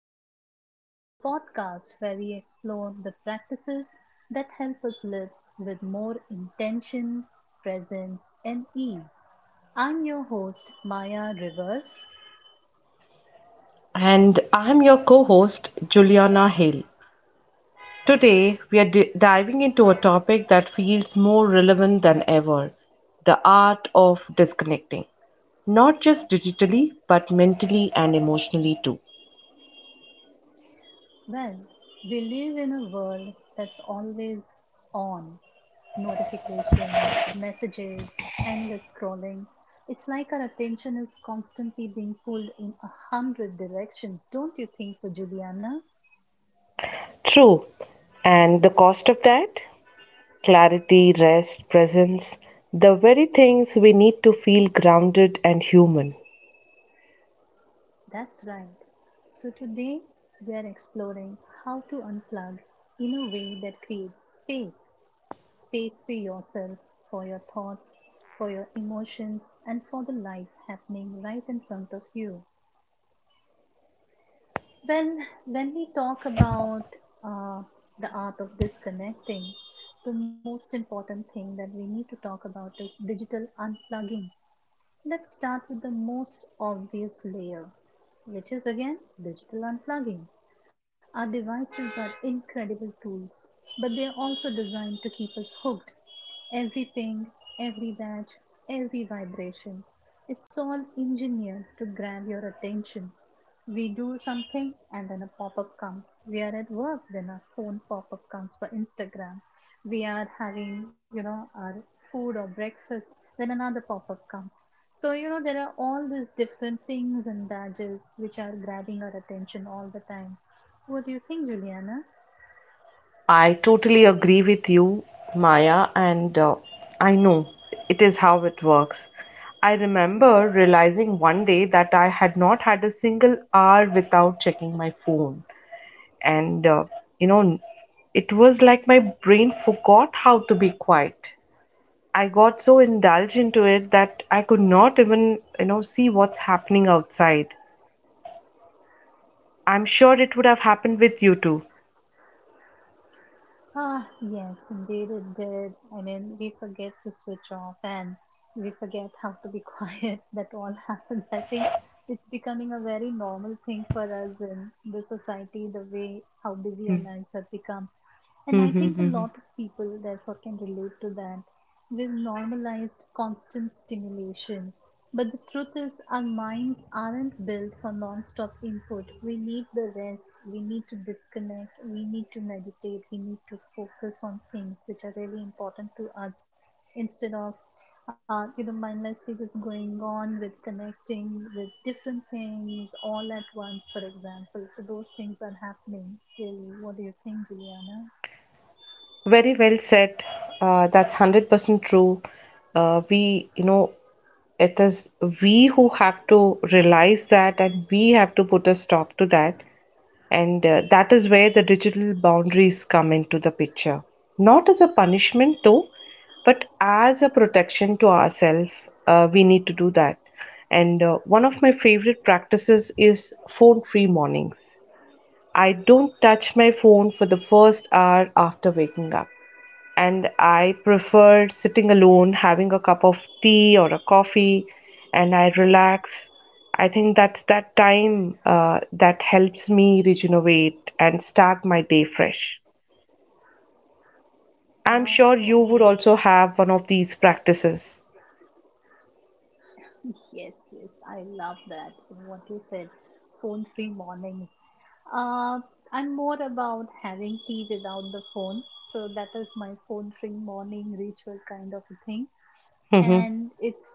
and Flow, the podcast where we explore the practices that help us live with more intention, presence, and ease. I'm your host, Maya Rivers. And I'm your co host, Juliana Hill. Today, we are diving into a topic that feels more relevant than ever, the art of disconnecting. Not just digitally, but mentally and emotionally too. Well, we live in a world that's always on notifications, messages, endless scrolling. It's like our attention is constantly being pulled in a hundred directions, don't you think so, Juliana? True. And the cost of that? Clarity, rest, presence, the very things we need to feel grounded and human. That's right. So today we are exploring how to unplug in a way that creates space. Space for yourself, for your thoughts, for your emotions, and for the life happening right in front of you. Well, when we talk about uh, the art of disconnecting, the most important thing that we need to talk about is digital unplugging. Let's start with the most obvious layer, which is again digital unplugging. Our devices are incredible tools, but they are also designed to keep us hooked. Every ping, every batch, every vibration. It's all engineered to grab your attention. We do something and then a pop up comes. We are at work, then a phone pop up comes for Instagram. We are having, you know, our food or breakfast, then another pop up comes. So, you know, there are all these different things and badges which are grabbing our attention all the time. What do you think, Juliana? I totally agree with you, Maya, and I know it is how it works. I remember realizing one day that I had not had a single hour without checking my phone. And, you know, it was like my brain forgot how to be quiet. I got so indulged into it that I could not even, see what's happening outside. I'm sure it would have happened with you Ah, yes, indeed it did. I mean, we forget to switch off, and we forget how to be quiet. That all happens. I think it's becoming a very normal thing for us in the society, the way how busy our too. lives have become. And I think a lot of people, therefore, can relate to that. We've normalized constant stimulation. But the truth is, our minds aren't built for non stop input. We need the rest, we need to disconnect, we need to meditate, we need to focus on things which are really important to us instead of. You know, mindlessly just going on with connecting with different things all at once, for example. So, those things are happening, really. What do you think, Juliana? Very well said. That's 100% true. Uh, we, you know, it is we who have to realize that and we have to put a stop to that. And that is where the digital boundaries come into the picture. Not as a punishment, though, but as a protection to ourselves, we need to do that. And one of my favorite practices is phone free mornings. I don't touch my phone for the first hour after waking up and I prefer sitting alone, having a cup of tea or a coffee, and I relax. I think that's that time that helps me regenerate and start my day fresh. I'm Wow, sure I you would also have one of these practices. yes, yes, I love that. What you said, phone-free mornings. Uh, I'm more about having tea without the phone, so that is my phone-free morning ritual kind of a thing. Hmm. And it's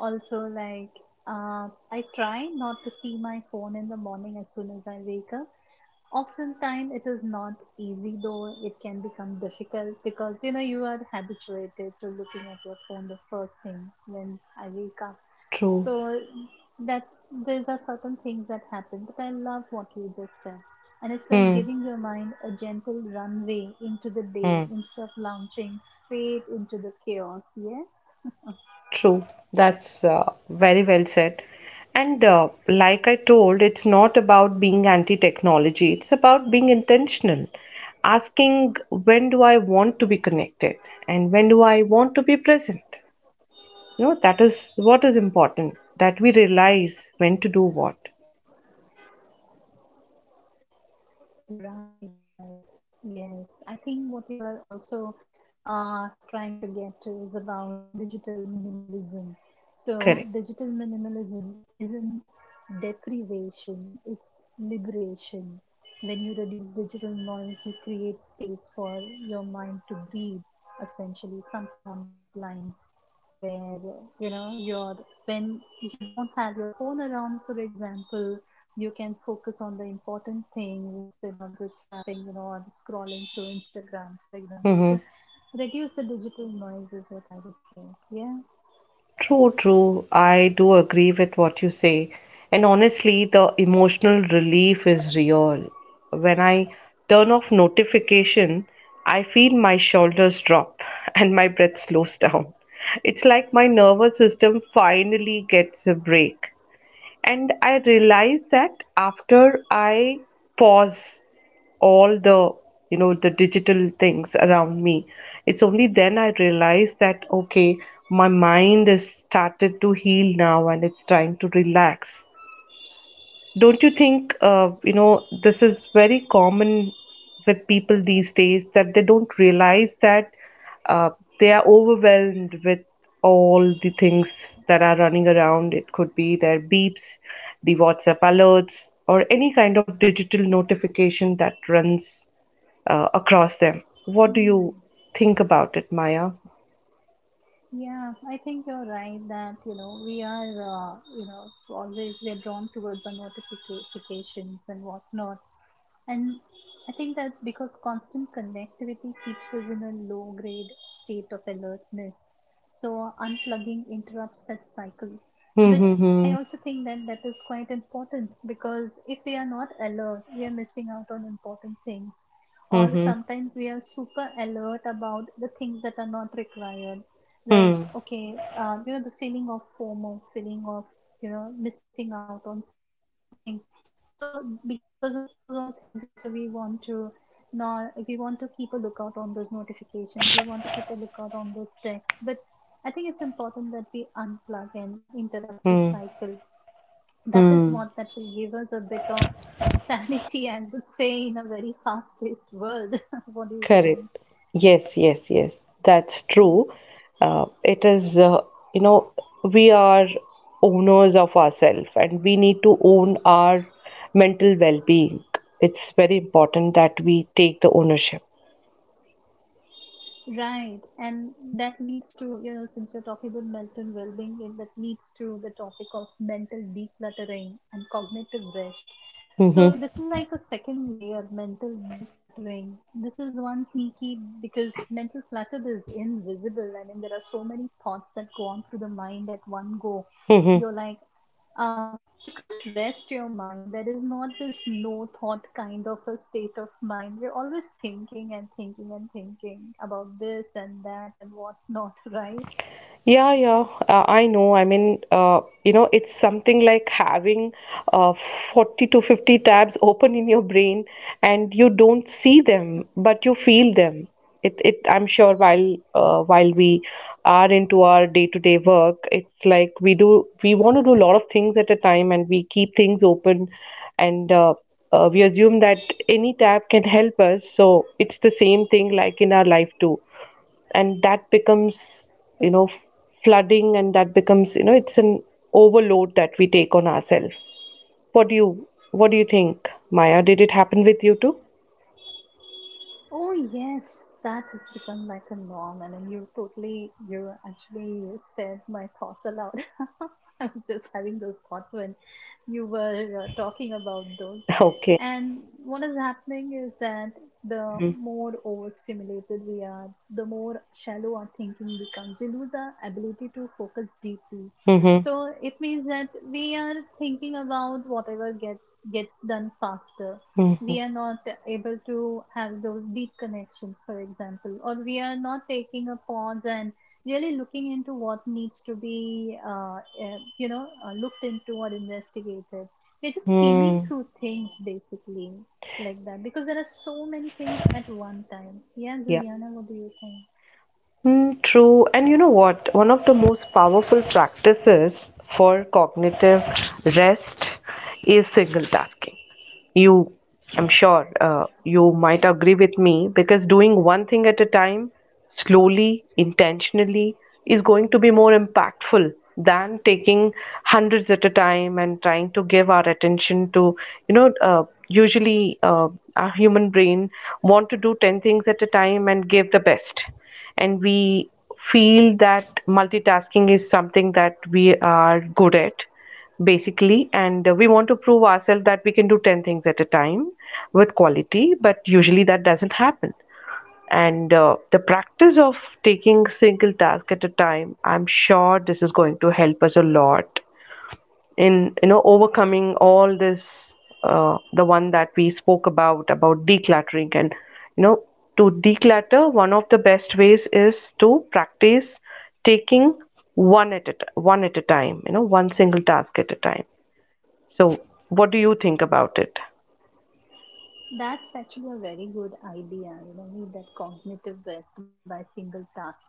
also like uh, I try not to see my phone in the morning as soon as I wake up. Oftentimes, it is not easy though, it can become difficult because you know you are habituated to looking at your phone the first thing when I wake up. True. So, that there's a certain things that happen, but I love what you just said. And it's like Hmm. giving your mind a gentle runway into the day Hmm. instead of launching straight into the chaos. Yes? True, that's very well said. And like I told, it's not about being anti technology, it's about being intentional. Asking, when do I want to be connected? And when do I want to be present? That is what is important, that we realize when to do what. Right, right. Yes, I think what you're also trying to get to is about digital minimalism. So, digital minimalism Correct. isn't deprivation, it's liberation. When you reduce digital noise, you create space for your mind to breathe, essentially, something on those lines where, you know, you're, when you don't have your phone around, for example, you can focus on the important things instead of just swapping, you know, or scrolling through Instagram, for example. So reduce the Mm-hmm. digital noise is what I would say. Yeah. True, true. I do agree with what you say. And honestly, the emotional relief is real. When I turn off notification, I feel my shoulders drop and my breath slows down. It's like my nervous system finally gets a break. And I realized that after I pause all the digital things around me, it's only then I realized that, okay, my mind is started to heal now and it's trying to relax. Don't you think, this is very common with people these days that they don't realize that uh, they are overwhelmed with all the things that are running around. It could be their beeps, the WhatsApp alerts, or any kind of digital notification that runs across them. What do Hmm. you think about it, Maya? Yeah, I think you're right that, you know, we are, you know, always we're drawn towards our notifications and whatnot. And I think that because constant connectivity keeps us in a low grade state of alertness, so unplugging interrupts that cycle. Hmm. But I Hmm. also think that that is quite important because if we are not alert, we are missing out on important things. Hmm. Or Hmm. sometimes we are super alert about the things that are not required. Hmm. Like, Hmm. okay, you know, the feeling of FOMO, feeling of, you know, missing out on something so because of those all things also we want to not we want to keep a lookout on those notifications. We want to keep a lookout on those texts. But I think it's important that we unplug and interrupt this Hmm. cycle. That is Hmm. what that will give us a bit of sanity, I would say, in a very fast paced world. What do you think? Correct. Yes, yes, yes. That's true. It is, you know, we are owners of ourselves and we need to own our mental well-being. It's very important that we take the ownership. Right, and that leads to, you know, since you're talking about mental well being, that leads to the topic of mental decluttering and cognitive rest. So, this Mm-hmm. is like a second layer mental decluttering. This is one sneaky because mental clutter is invisible. I mean, there are so many thoughts that go on through the mind at one go. You're Mm-hmm. like, uh, you can't rest your mind. There is not this no thought kind of a state of mind. We're always thinking and thinking and thinking about this and that and whatnot, right? Yeah, yeah, I know. I mean, it's something like having uh, 40 to 50 tabs open in your brain and you don't see them, but you feel them. I'm sure while we are into our day-to-day work. It's like we want to do a lot of things at a time and we keep things open, and we assume that any tab can help us. So it's the same thing like in our life too, and that becomes, you know, flooding, and that becomes, it's an overload that we take on ourselves. What do you think, Maya? Did it happen with you too? Oh yes, that has become like a norm, and then you actually said my thoughts aloud. I was just having those thoughts when you were talking about those. Okay. And what is happening is that the Mm-hmm. more overstimulated we are, the more shallow our thinking becomes. We lose our ability to focus deeply. Mm-hmm. So it means that we are thinking about whatever gets done faster. Mm-hmm. We are not able to have those deep connections, for example, or we are not taking a pause and really looking into what needs to be, looked into or investigated. We're just Mm. skimming through things basically like that because there are so many things at one time. Yeah. Yeah, Juliana, what do you think? Mm, true. And you know what? One of the most powerful practices for cognitive rest is single tasking. You, I'm sure, you might agree with me because doing one thing at a time, slowly, intentionally, is going to be more Hmm. impactful than taking hundreds at a time and trying to give our attention to, usually our human brain want to do 10 things at a time and give the best, and we feel that multitasking is something that we are good at basically, and we want to prove ourselves that we can do 10 things at a time with quality, but usually that doesn't happen. And the practice of taking single task at a time, I'm sure this is going to help us a lot in overcoming all this. The one that we spoke about decluttering and you know to declutter, one of the best ways is to practice taking one at a time, one single task at a time. So, what do you think about it? That's actually a very good idea, you know, need that cognitive rest by single tasking.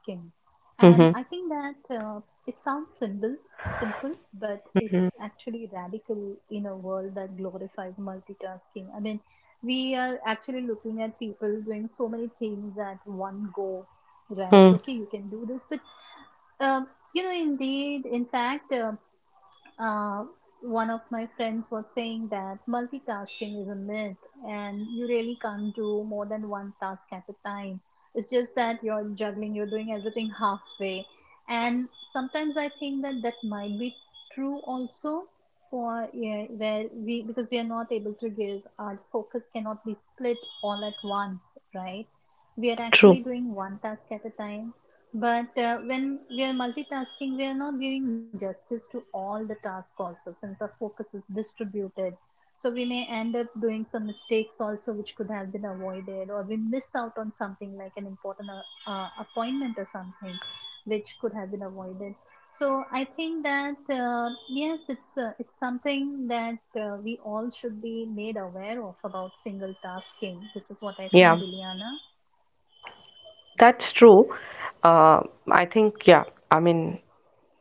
And I Mm-hmm. think that it sounds simple, but Mm-hmm. it's actually radical in a world that glorifies multitasking. I mean, we are actually looking at people doing so many things at one go, right? Mm, Okay, you can do this, but um, you know, indeed, in fact, uh, one of my friends was saying that multitasking is a myth and you really can't do more than one task at a time. It's just that you're juggling, you're doing everything halfway. And sometimes I think that that might be true also for yeah, where we because we are not able to give our focus cannot be split all at once, right? We are actually true. doing one task at a time, but when we are multitasking, we are not giving justice to all the tasks also, since our focus is distributed. So we may end up doing some mistakes also, which could have been avoided, or we miss out on something like an important appointment or something, which could have been avoided. So I think that yes, it's something that we all should be made aware of about single tasking. This is what I Yeah. think, Juliana. That's true. Uh, I think, yeah, I mean,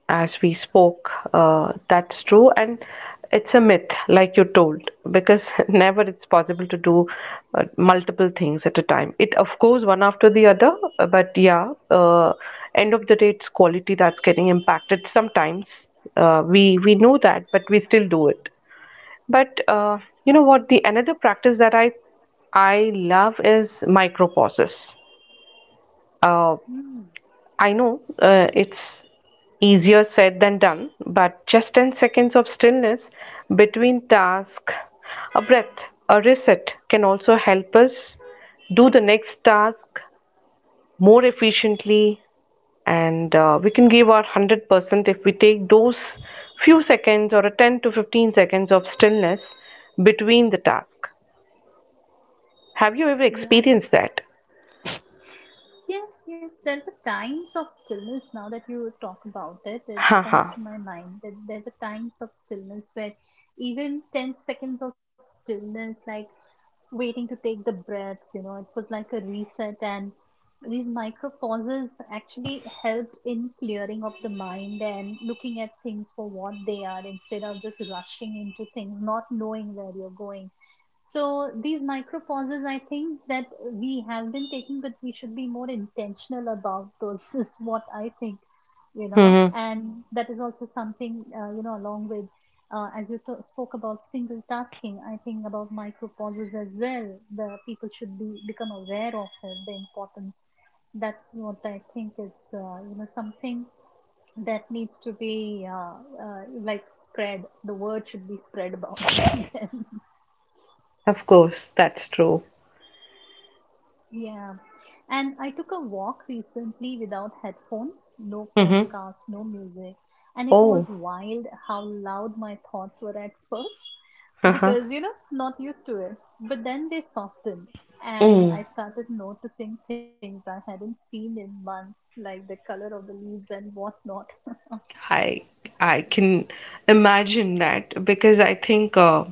as we spoke, that's true. And it's a myth, like you told, because never it's possible to do multiple things at a time. It, of course, one after the other, but yeah, end of the day, it's quality that's getting impacted sometimes. We know that, but we still do it. But you know what? The another practice that I love is micro pauses. Uh, Hmm. I know it's easier said than done, but just 10 seconds of stillness between tasks, a breath, a reset can also help us do the next task more efficiently, and we can give our 100% if we take those few seconds or a 10 to 15 seconds of stillness between the task. Have you ever experienced that? Yes, yes. There were times of stillness now that you talk about it. It comes Haha. to my mind that there were times of stillness where even 10 seconds of stillness, like waiting to take the breath, you know, it was like a reset. And these micro pauses actually helped in clearing of the mind and looking at things for what they are instead of just rushing into things not knowing where you're going. So these micro pauses, I think that we have been taking, but we should be more intentional about those, is what I think, you know. Mm-hmm. And that is also something you know, along with spoke about single tasking, I think about micro pauses as well. The people should be become aware of it, the importance. That's what I think. It's you know, something that needs to be like spread. The word should be spread about them. Of course, that's true. Yeah. And I took a walk recently without headphones, no Mm-hmm. podcast, no music. And it Oh. was wild how loud my thoughts were at first Uh-huh. because, you know, not used to it. But then they softened and Mm, I started noticing things I hadn't seen in months, like the color of the leaves and whatnot. I I can imagine that because I think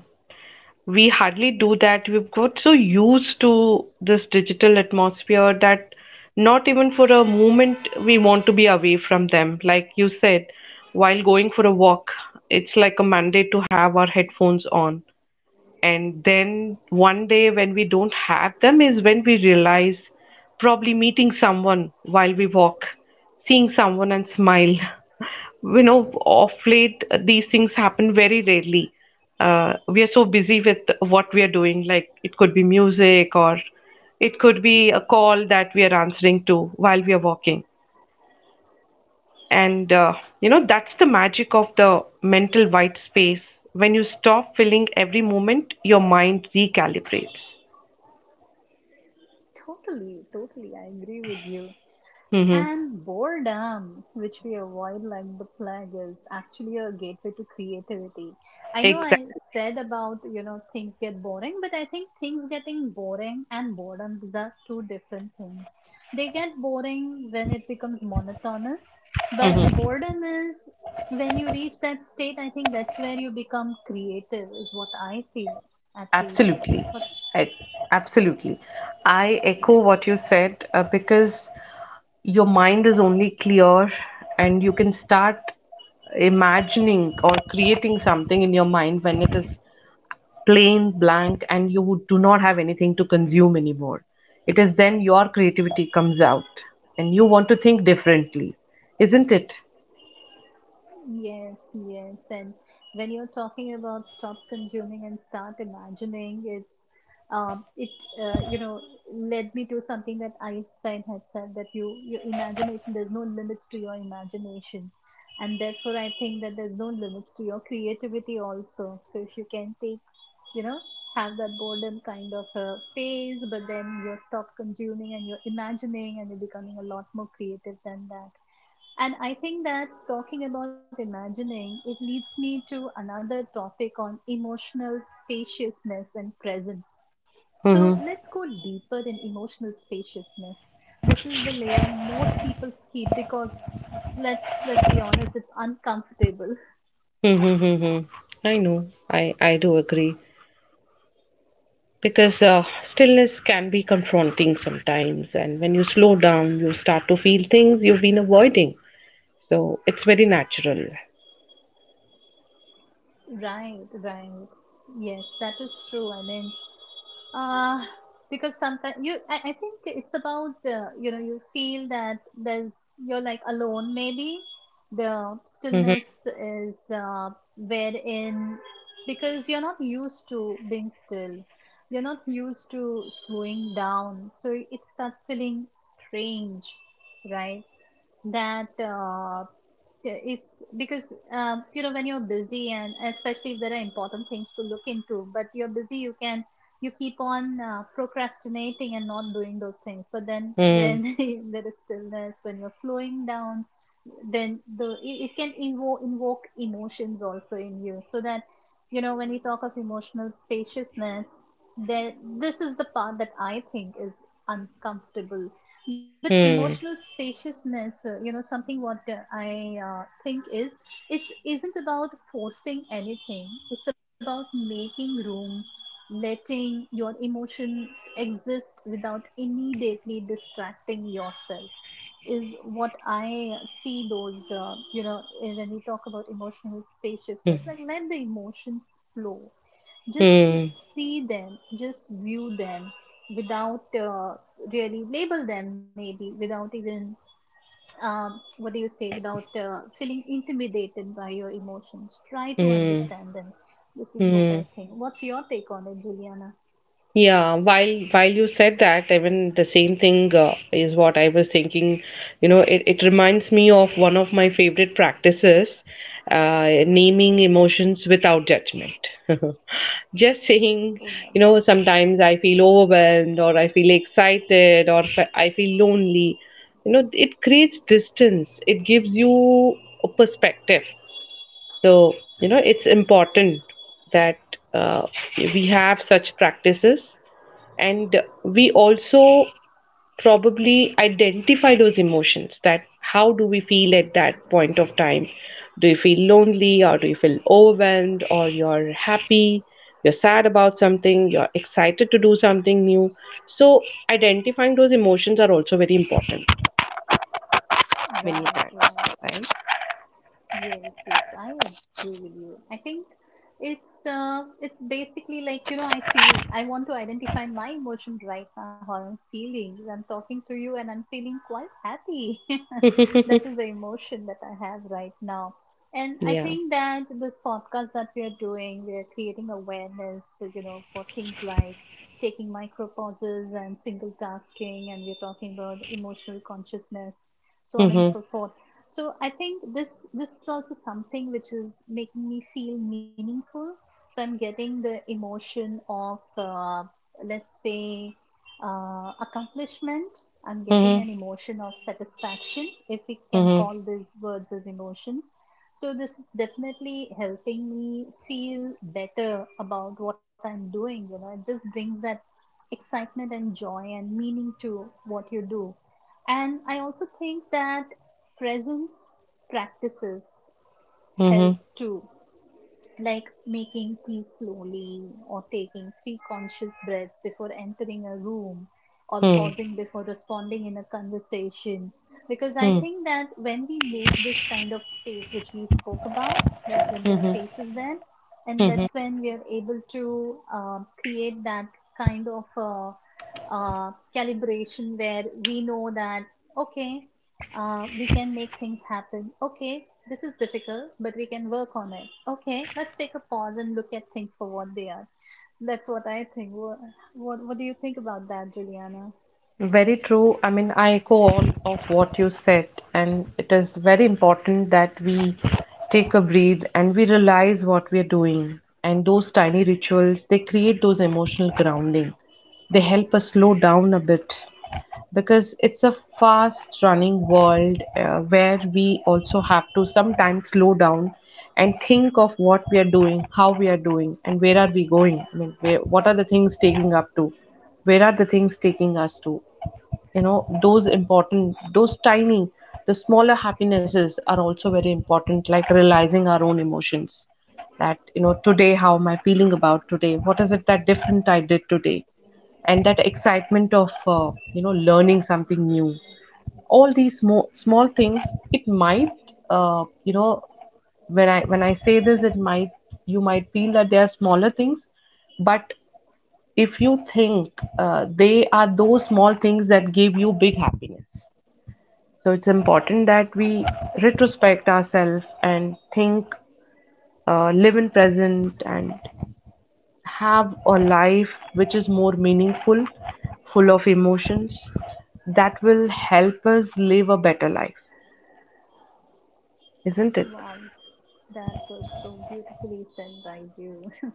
we hardly do that. We've got so used to this digital atmosphere that not even for a moment we want to be away from them. Like you said, while going for a walk, it's like a mandate to have our headphones on. And then one day when we don't have them is when we realize, probably meeting someone while we walk, seeing someone and smile. Of late, these things happen very rarely. We are so busy with what we are doing, like it could be music or it could be a call that we are answering to while we are walking. And that's the magic of the mental white space. When you stop filling every moment, your mind recalibrates. Totally, totally, I agree with you. Hmm. And boredom, which we avoid like the plague, is actually a gateway to creativity. I know I Exactly. said about, you know, things get boring, but I think things getting boring and boredom, these are two different things. They get boring when it becomes monotonous, but boredom is when you reach that state. I think that's where you become creative, is what I feel, at least. Absolutely. What's I, absolutely. I echo what you said because your mind is only clear and you can start imagining or creating something in your mind when it is plain, blank, and you do not have anything to consume anymore. It is then your creativity comes out and you want to think differently, isn't it? Yes, yes. And when you're talking about stop consuming and start imagining, it uh, you know led me to something that Einstein had said that your imagination, there's no limits to your imagination, and therefore I think that there's no limits to your creativity also. So if you can take you know have that boredom kind of a phase, but then you stop consuming and you're imagining and you're becoming a lot more creative than that. And I think that talking about imagining, it leads me to another topic on emotional spaciousness and presence. So Mm-hmm. let's go deeper in emotional spaciousness. This is the layer most people skip because let's be honest, it's uncomfortable. Mm-hmm. Mm-hmm. I know. I do agree. Because stillness can be confronting sometimes, and when you slow down, you start to feel things you've been avoiding. So it's very natural. Right, right. Yes, that is true. I mean, Uh, because sometimes I think it's about you feel that there's you're like alone. Maybe the Mm-hmm. stillness is wherein because you're not used to being still. You're not used to slowing down, so it starts feeling strange, right? That yeah, it's because you know when you're busy and especially if there are important things to look into, but you're busy, you can you keep on procrastinating and not doing those things. But then Mm-hmm. when there is stillness, when you're slowing down, then it can invoke emotions also in you. So that you know when we talk of emotional spaciousness, then this is the part that I think is uncomfortable, but emotional Mm-hmm. spaciousness, something what I think is, it isn't about forcing anything. It's about making room, letting your emotions exist without immediately distracting yourself, is what I see those when we talk about emotional spaciousness, like let the emotions flow, just Mm-hmm. see them, just view them without really label them, maybe without even, what do you say, without feeling intimidated by your emotions, try to Mm-hmm. understand them. This is what I think. What's your take on it, Juliana? Yeah, while you said that, even the same thing is what I was thinking. It reminds me of one of my favorite practices, naming emotions without judgment. Just Oh, saying, lovely. Sometimes I feel overwhelmed or I feel excited or I feel lonely. It creates distance. It gives you a perspective. So, it's important that uh, we have such practices, and we also probably identify those emotions, that how do we feel at that point of time? Do you feel lonely, or do you feel overwhelmed, or you're happy? You're sad about something, you're excited to do something new. So, identifying those emotions are also very important many Right, times, right. right? Yes, yes, I agree with you. I think it's basically like, you know, I feel I want to identify my emotion right now, how I'm feeling. I'm talking to you and I'm feeling quite happy. That is the emotion that I have right now. And I Yeah. think that this podcast that we are doing, we are creating awareness, you know, for things like taking micro pauses and single tasking, and we're talking about emotional consciousness, so on and Mm-hmm. so forth. So I think this is also something which is making me feel meaningful. So I'm getting the emotion of let's say accomplishment. I'm getting an Mm-hmm. emotion of satisfaction, if we can Mm-hmm. call these words as emotions. So this is definitely helping me feel better about what I'm doing. You know, it just brings that excitement and joy and meaning to what you do. And I also think that presence practices help Mm-hmm. too, like making tea slowly or taking three conscious breaths before entering a room or Mm-hmm. pausing before responding in a conversation. Because I Mm-hmm. think that when we make this kind of space, which we spoke about, that when the Mm-hmm. space is there, and that's Mm-hmm. when we are able to create that kind of uh, calibration where we know that okay, we can make things happen. Okay, this is difficult, but we can work on it. Okay, let's take a pause and look at things for what they are. That's what I think. What do you think about that, Juliana? Very true. I mean, I echo all of what you said, and it is very important that we take a breathe and we realize what we are doing. And those tiny rituals, they create those emotional grounding. They help us slow down a bit because it's a fast running world where we also have to sometimes slow down and think of what we are doing, how we are doing, and where are we going. I mean, where, what are the things taking up to? Where are the things taking us to? you know those important, those tiny, the smaller happinesses are also very important, like realizing our own emotions. That, you know, today how am I feeling about today? What is it that different I did today? And that excitement of learning something new, all these small small things. It might, when I say this, it might, you might feel that they are smaller things. But if you think, they are those small things that give you big happiness. So it's important that we retrospect ourselves and think, live in present and have a life which is more meaningful, full of emotions. That will help us live a better life, isn't it? Wow, that was so beautifully said by you.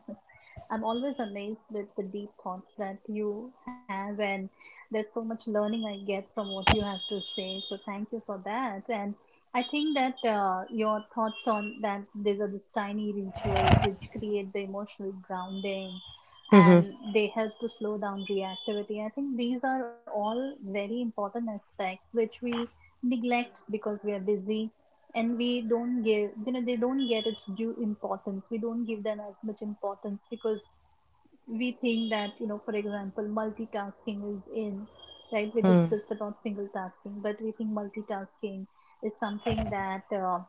I'm always amazed with the deep thoughts that you have, and there's so much learning I get from what you have to say. So, thank you for that. And I think that your thoughts on that, these are these tiny rituals which create the emotional grounding, Mm-hmm. and they help to slow down reactivity. I think these are all very important aspects which we neglect because we are busy, and we don't give, you know, they don't get its due importance, we don't give them as much importance because we think that, you know, for example, multitasking is in, right? We Hmm. discussed about single tasking, but we think multitasking is something that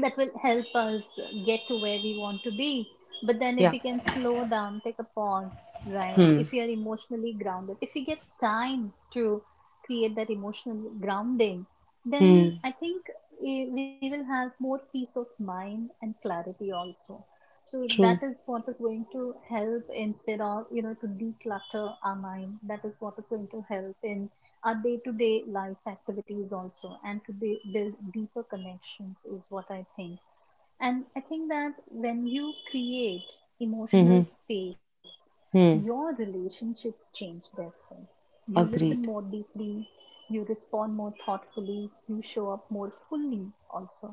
that will help us get to where we want to be. But then, if Yeah. we can slow down, take a pause, right? Hmm. If you are emotionally grounded, if you get time to create that emotional grounding, then Hmm. I think we will have more peace of mind and clarity also. So that True. is what is going to help, instead of, you know, to declutter our mind. That is what is going to help in our day-to-day life activities also, and to be, build deeper connections, is what I think. And I think that when you create emotional Hmm. space, your Hmm. relationships change, therefore. You listen Agreed. more deeply, you respond more thoughtfully, you show up more fully, also.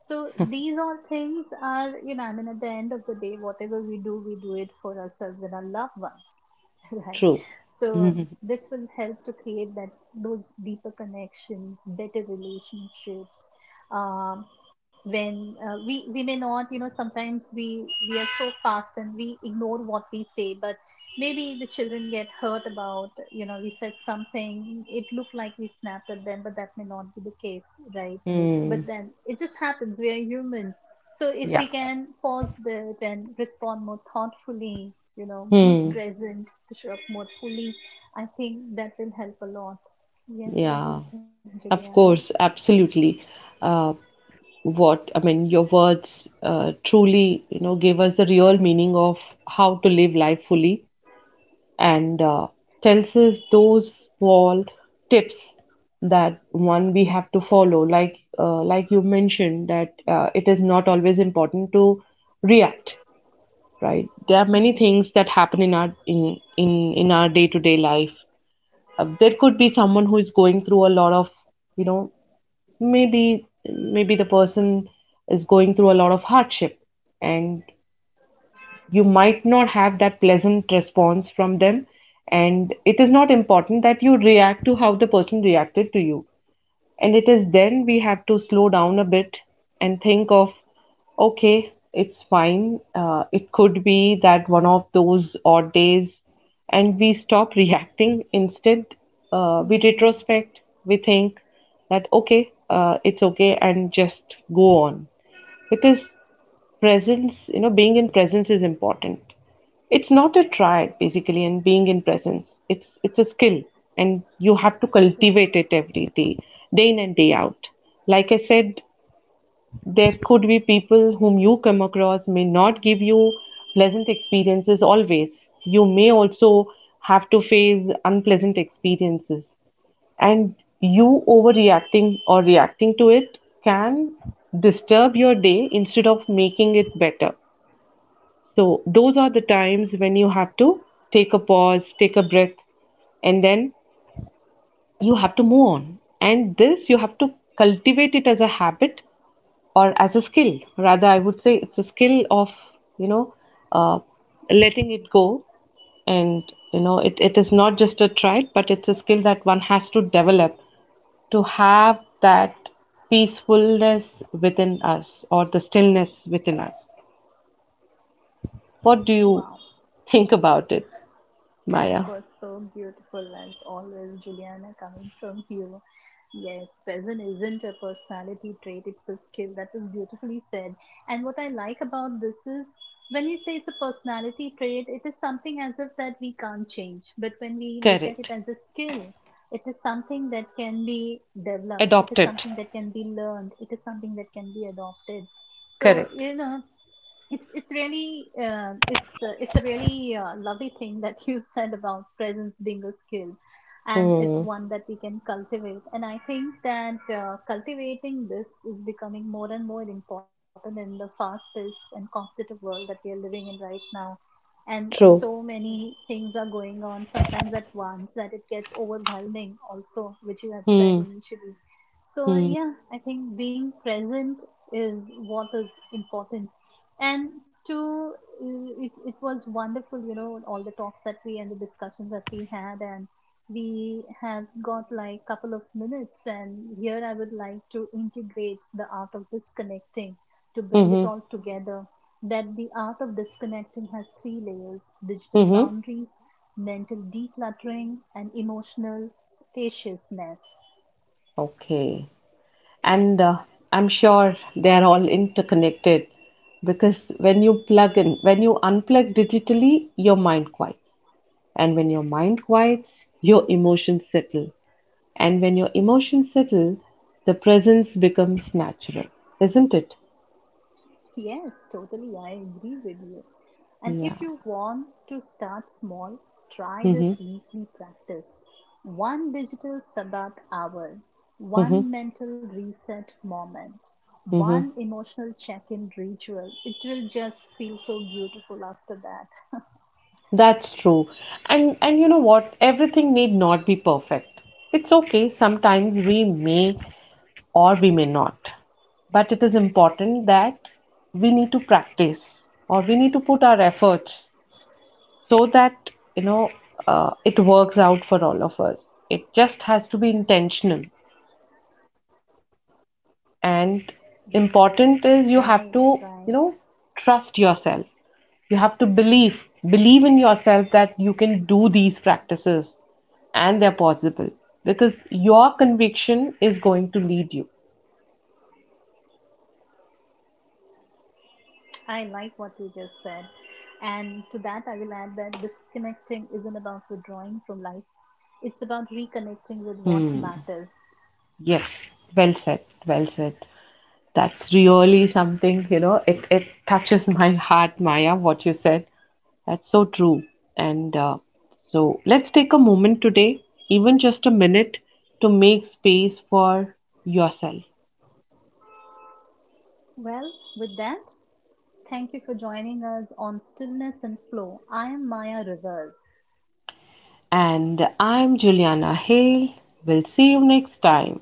So, these all things are, you know, I mean, at the end of the day, whatever we do it for ourselves and our loved ones, right? True. So, this will help to create that, those deeper connections, better relationships, um, when we may not, you know, sometimes we are so fast and we ignore what we say, but maybe the children get hurt about, you know, we said something, it looked like we snapped at them, but that may not be the case, right? But Hmm. then it just happens, we are human. So if Yeah. we can pause that and respond more thoughtfully, you know, be Hmm. present to show up more fully, I think that will help a lot. Yes, what do you Yeah. think, Of Juliana? course, absolutely. Uh, your words, truly, you know, give us the real meaning of how to live life fully, and tells us those small tips that one we have to follow. Like, like you mentioned that it is not always important to react, right? There are many Hmm. things that happen in our day-to-day life. There could be someone who is going through a lot of, you know, maybe the person is going through a lot of hardship, and you might not have that pleasant response from them. And it is not important that you react to how the person reacted to you. And it is then we have to slow down a bit and think of, okay, it's fine. It could be that one of those odd days, and we stop reacting. Instead, we Hmm. retrospect, we think that, okay, it's okay, and just go on. Because presence, you know, being in presence is important. It's not a triad, basically, and being in presence, it's a skill, and you have to Yeah. cultivate it every day, day in and day out. Like I said, there could be people whom you come across may not give you pleasant experiences always. You may also have to face unpleasant experiences. And you overreacting or reacting to it can disturb your day instead of making it better. So, those are the times when you have to take a pause, take a breath, and then you have to move on. And this you have to cultivate it as a habit or as a skill. Rather, I would say it's a skill of, you know, uh, letting it go. And, you know, it is not just a trait, but it's a skill that one has to develop to have that peacefulness within us or the stillness within us. What do you Wow. think about it, That Maya? was so beautiful, as always, Juliana, coming from you. Yes, present isn't a personality trait, it's a skill. That was beautifully said. And what I like about this is, when we say it's a personality trait, it is something as if that we can't change. But when we look at it Correct. as a skill, it is something that can be developed, it Adopt is it. something that can be learned, it is something that can be adopted. So, Correct. you know, it's really it's a really lovely thing that you said about presence being a skill, and it's Hmm. one that we can cultivate. And I think that cultivating this is becoming more and more important in the fast-paced and competitive world that we are living in right now, and True. so many things are going on sometimes at once that it gets overwhelming also, which you had said Hmm. initially. So yeah, Hmm. I think being present is what is important, and to it was wonderful, you know, all the talks that we and the discussions that we had, and we have got like couple of minutes, and here I would like to integrate the art of disconnecting to bring it Hmm. all together, that the art of disconnecting has three layers: digital Hmm. boundaries, mental decluttering, and emotional spaciousness. Okay. And I'm sure they're all interconnected because when you plug in, when you unplug digitally, your mind quiets. And when your mind quiets, your emotions settle. And when your emotions settle, the presence becomes natural, isn't it? Yes, totally, I agree with you. And Yeah. if you want to start small, try this Mm-hmm. weekly practice: one digital Sabbath hour, Mm-hmm. one mental reset moment, Mm-hmm. one emotional check in ritual. It will just feel so beautiful after that. That's true. And you know what? Everything need not be perfect. It's okay. Sometimes we may or we may not. But it is important that we need to practice or we need to put our efforts so that, you know, it works out for all of us. It just has to be intentional, Right, right. and important is you have to, you know, trust yourself. You have to believe in yourself, that you can do these practices, and they're possible, because your conviction is going to lead you. I like what you just said. And to that, I will add that disconnecting isn't about withdrawing from life, it's about reconnecting with what matters. Hmm. Yes, well said, well said. That's really something, you know, it touches my heart, Maya, what you said. That's so true. And so let's take a moment today, even just a minute, to make space for yourself. Well, with that, thank you for joining us on Stillness and Flow. I am Maya Rivers. And I'm Juliana Hale. We'll see you next time.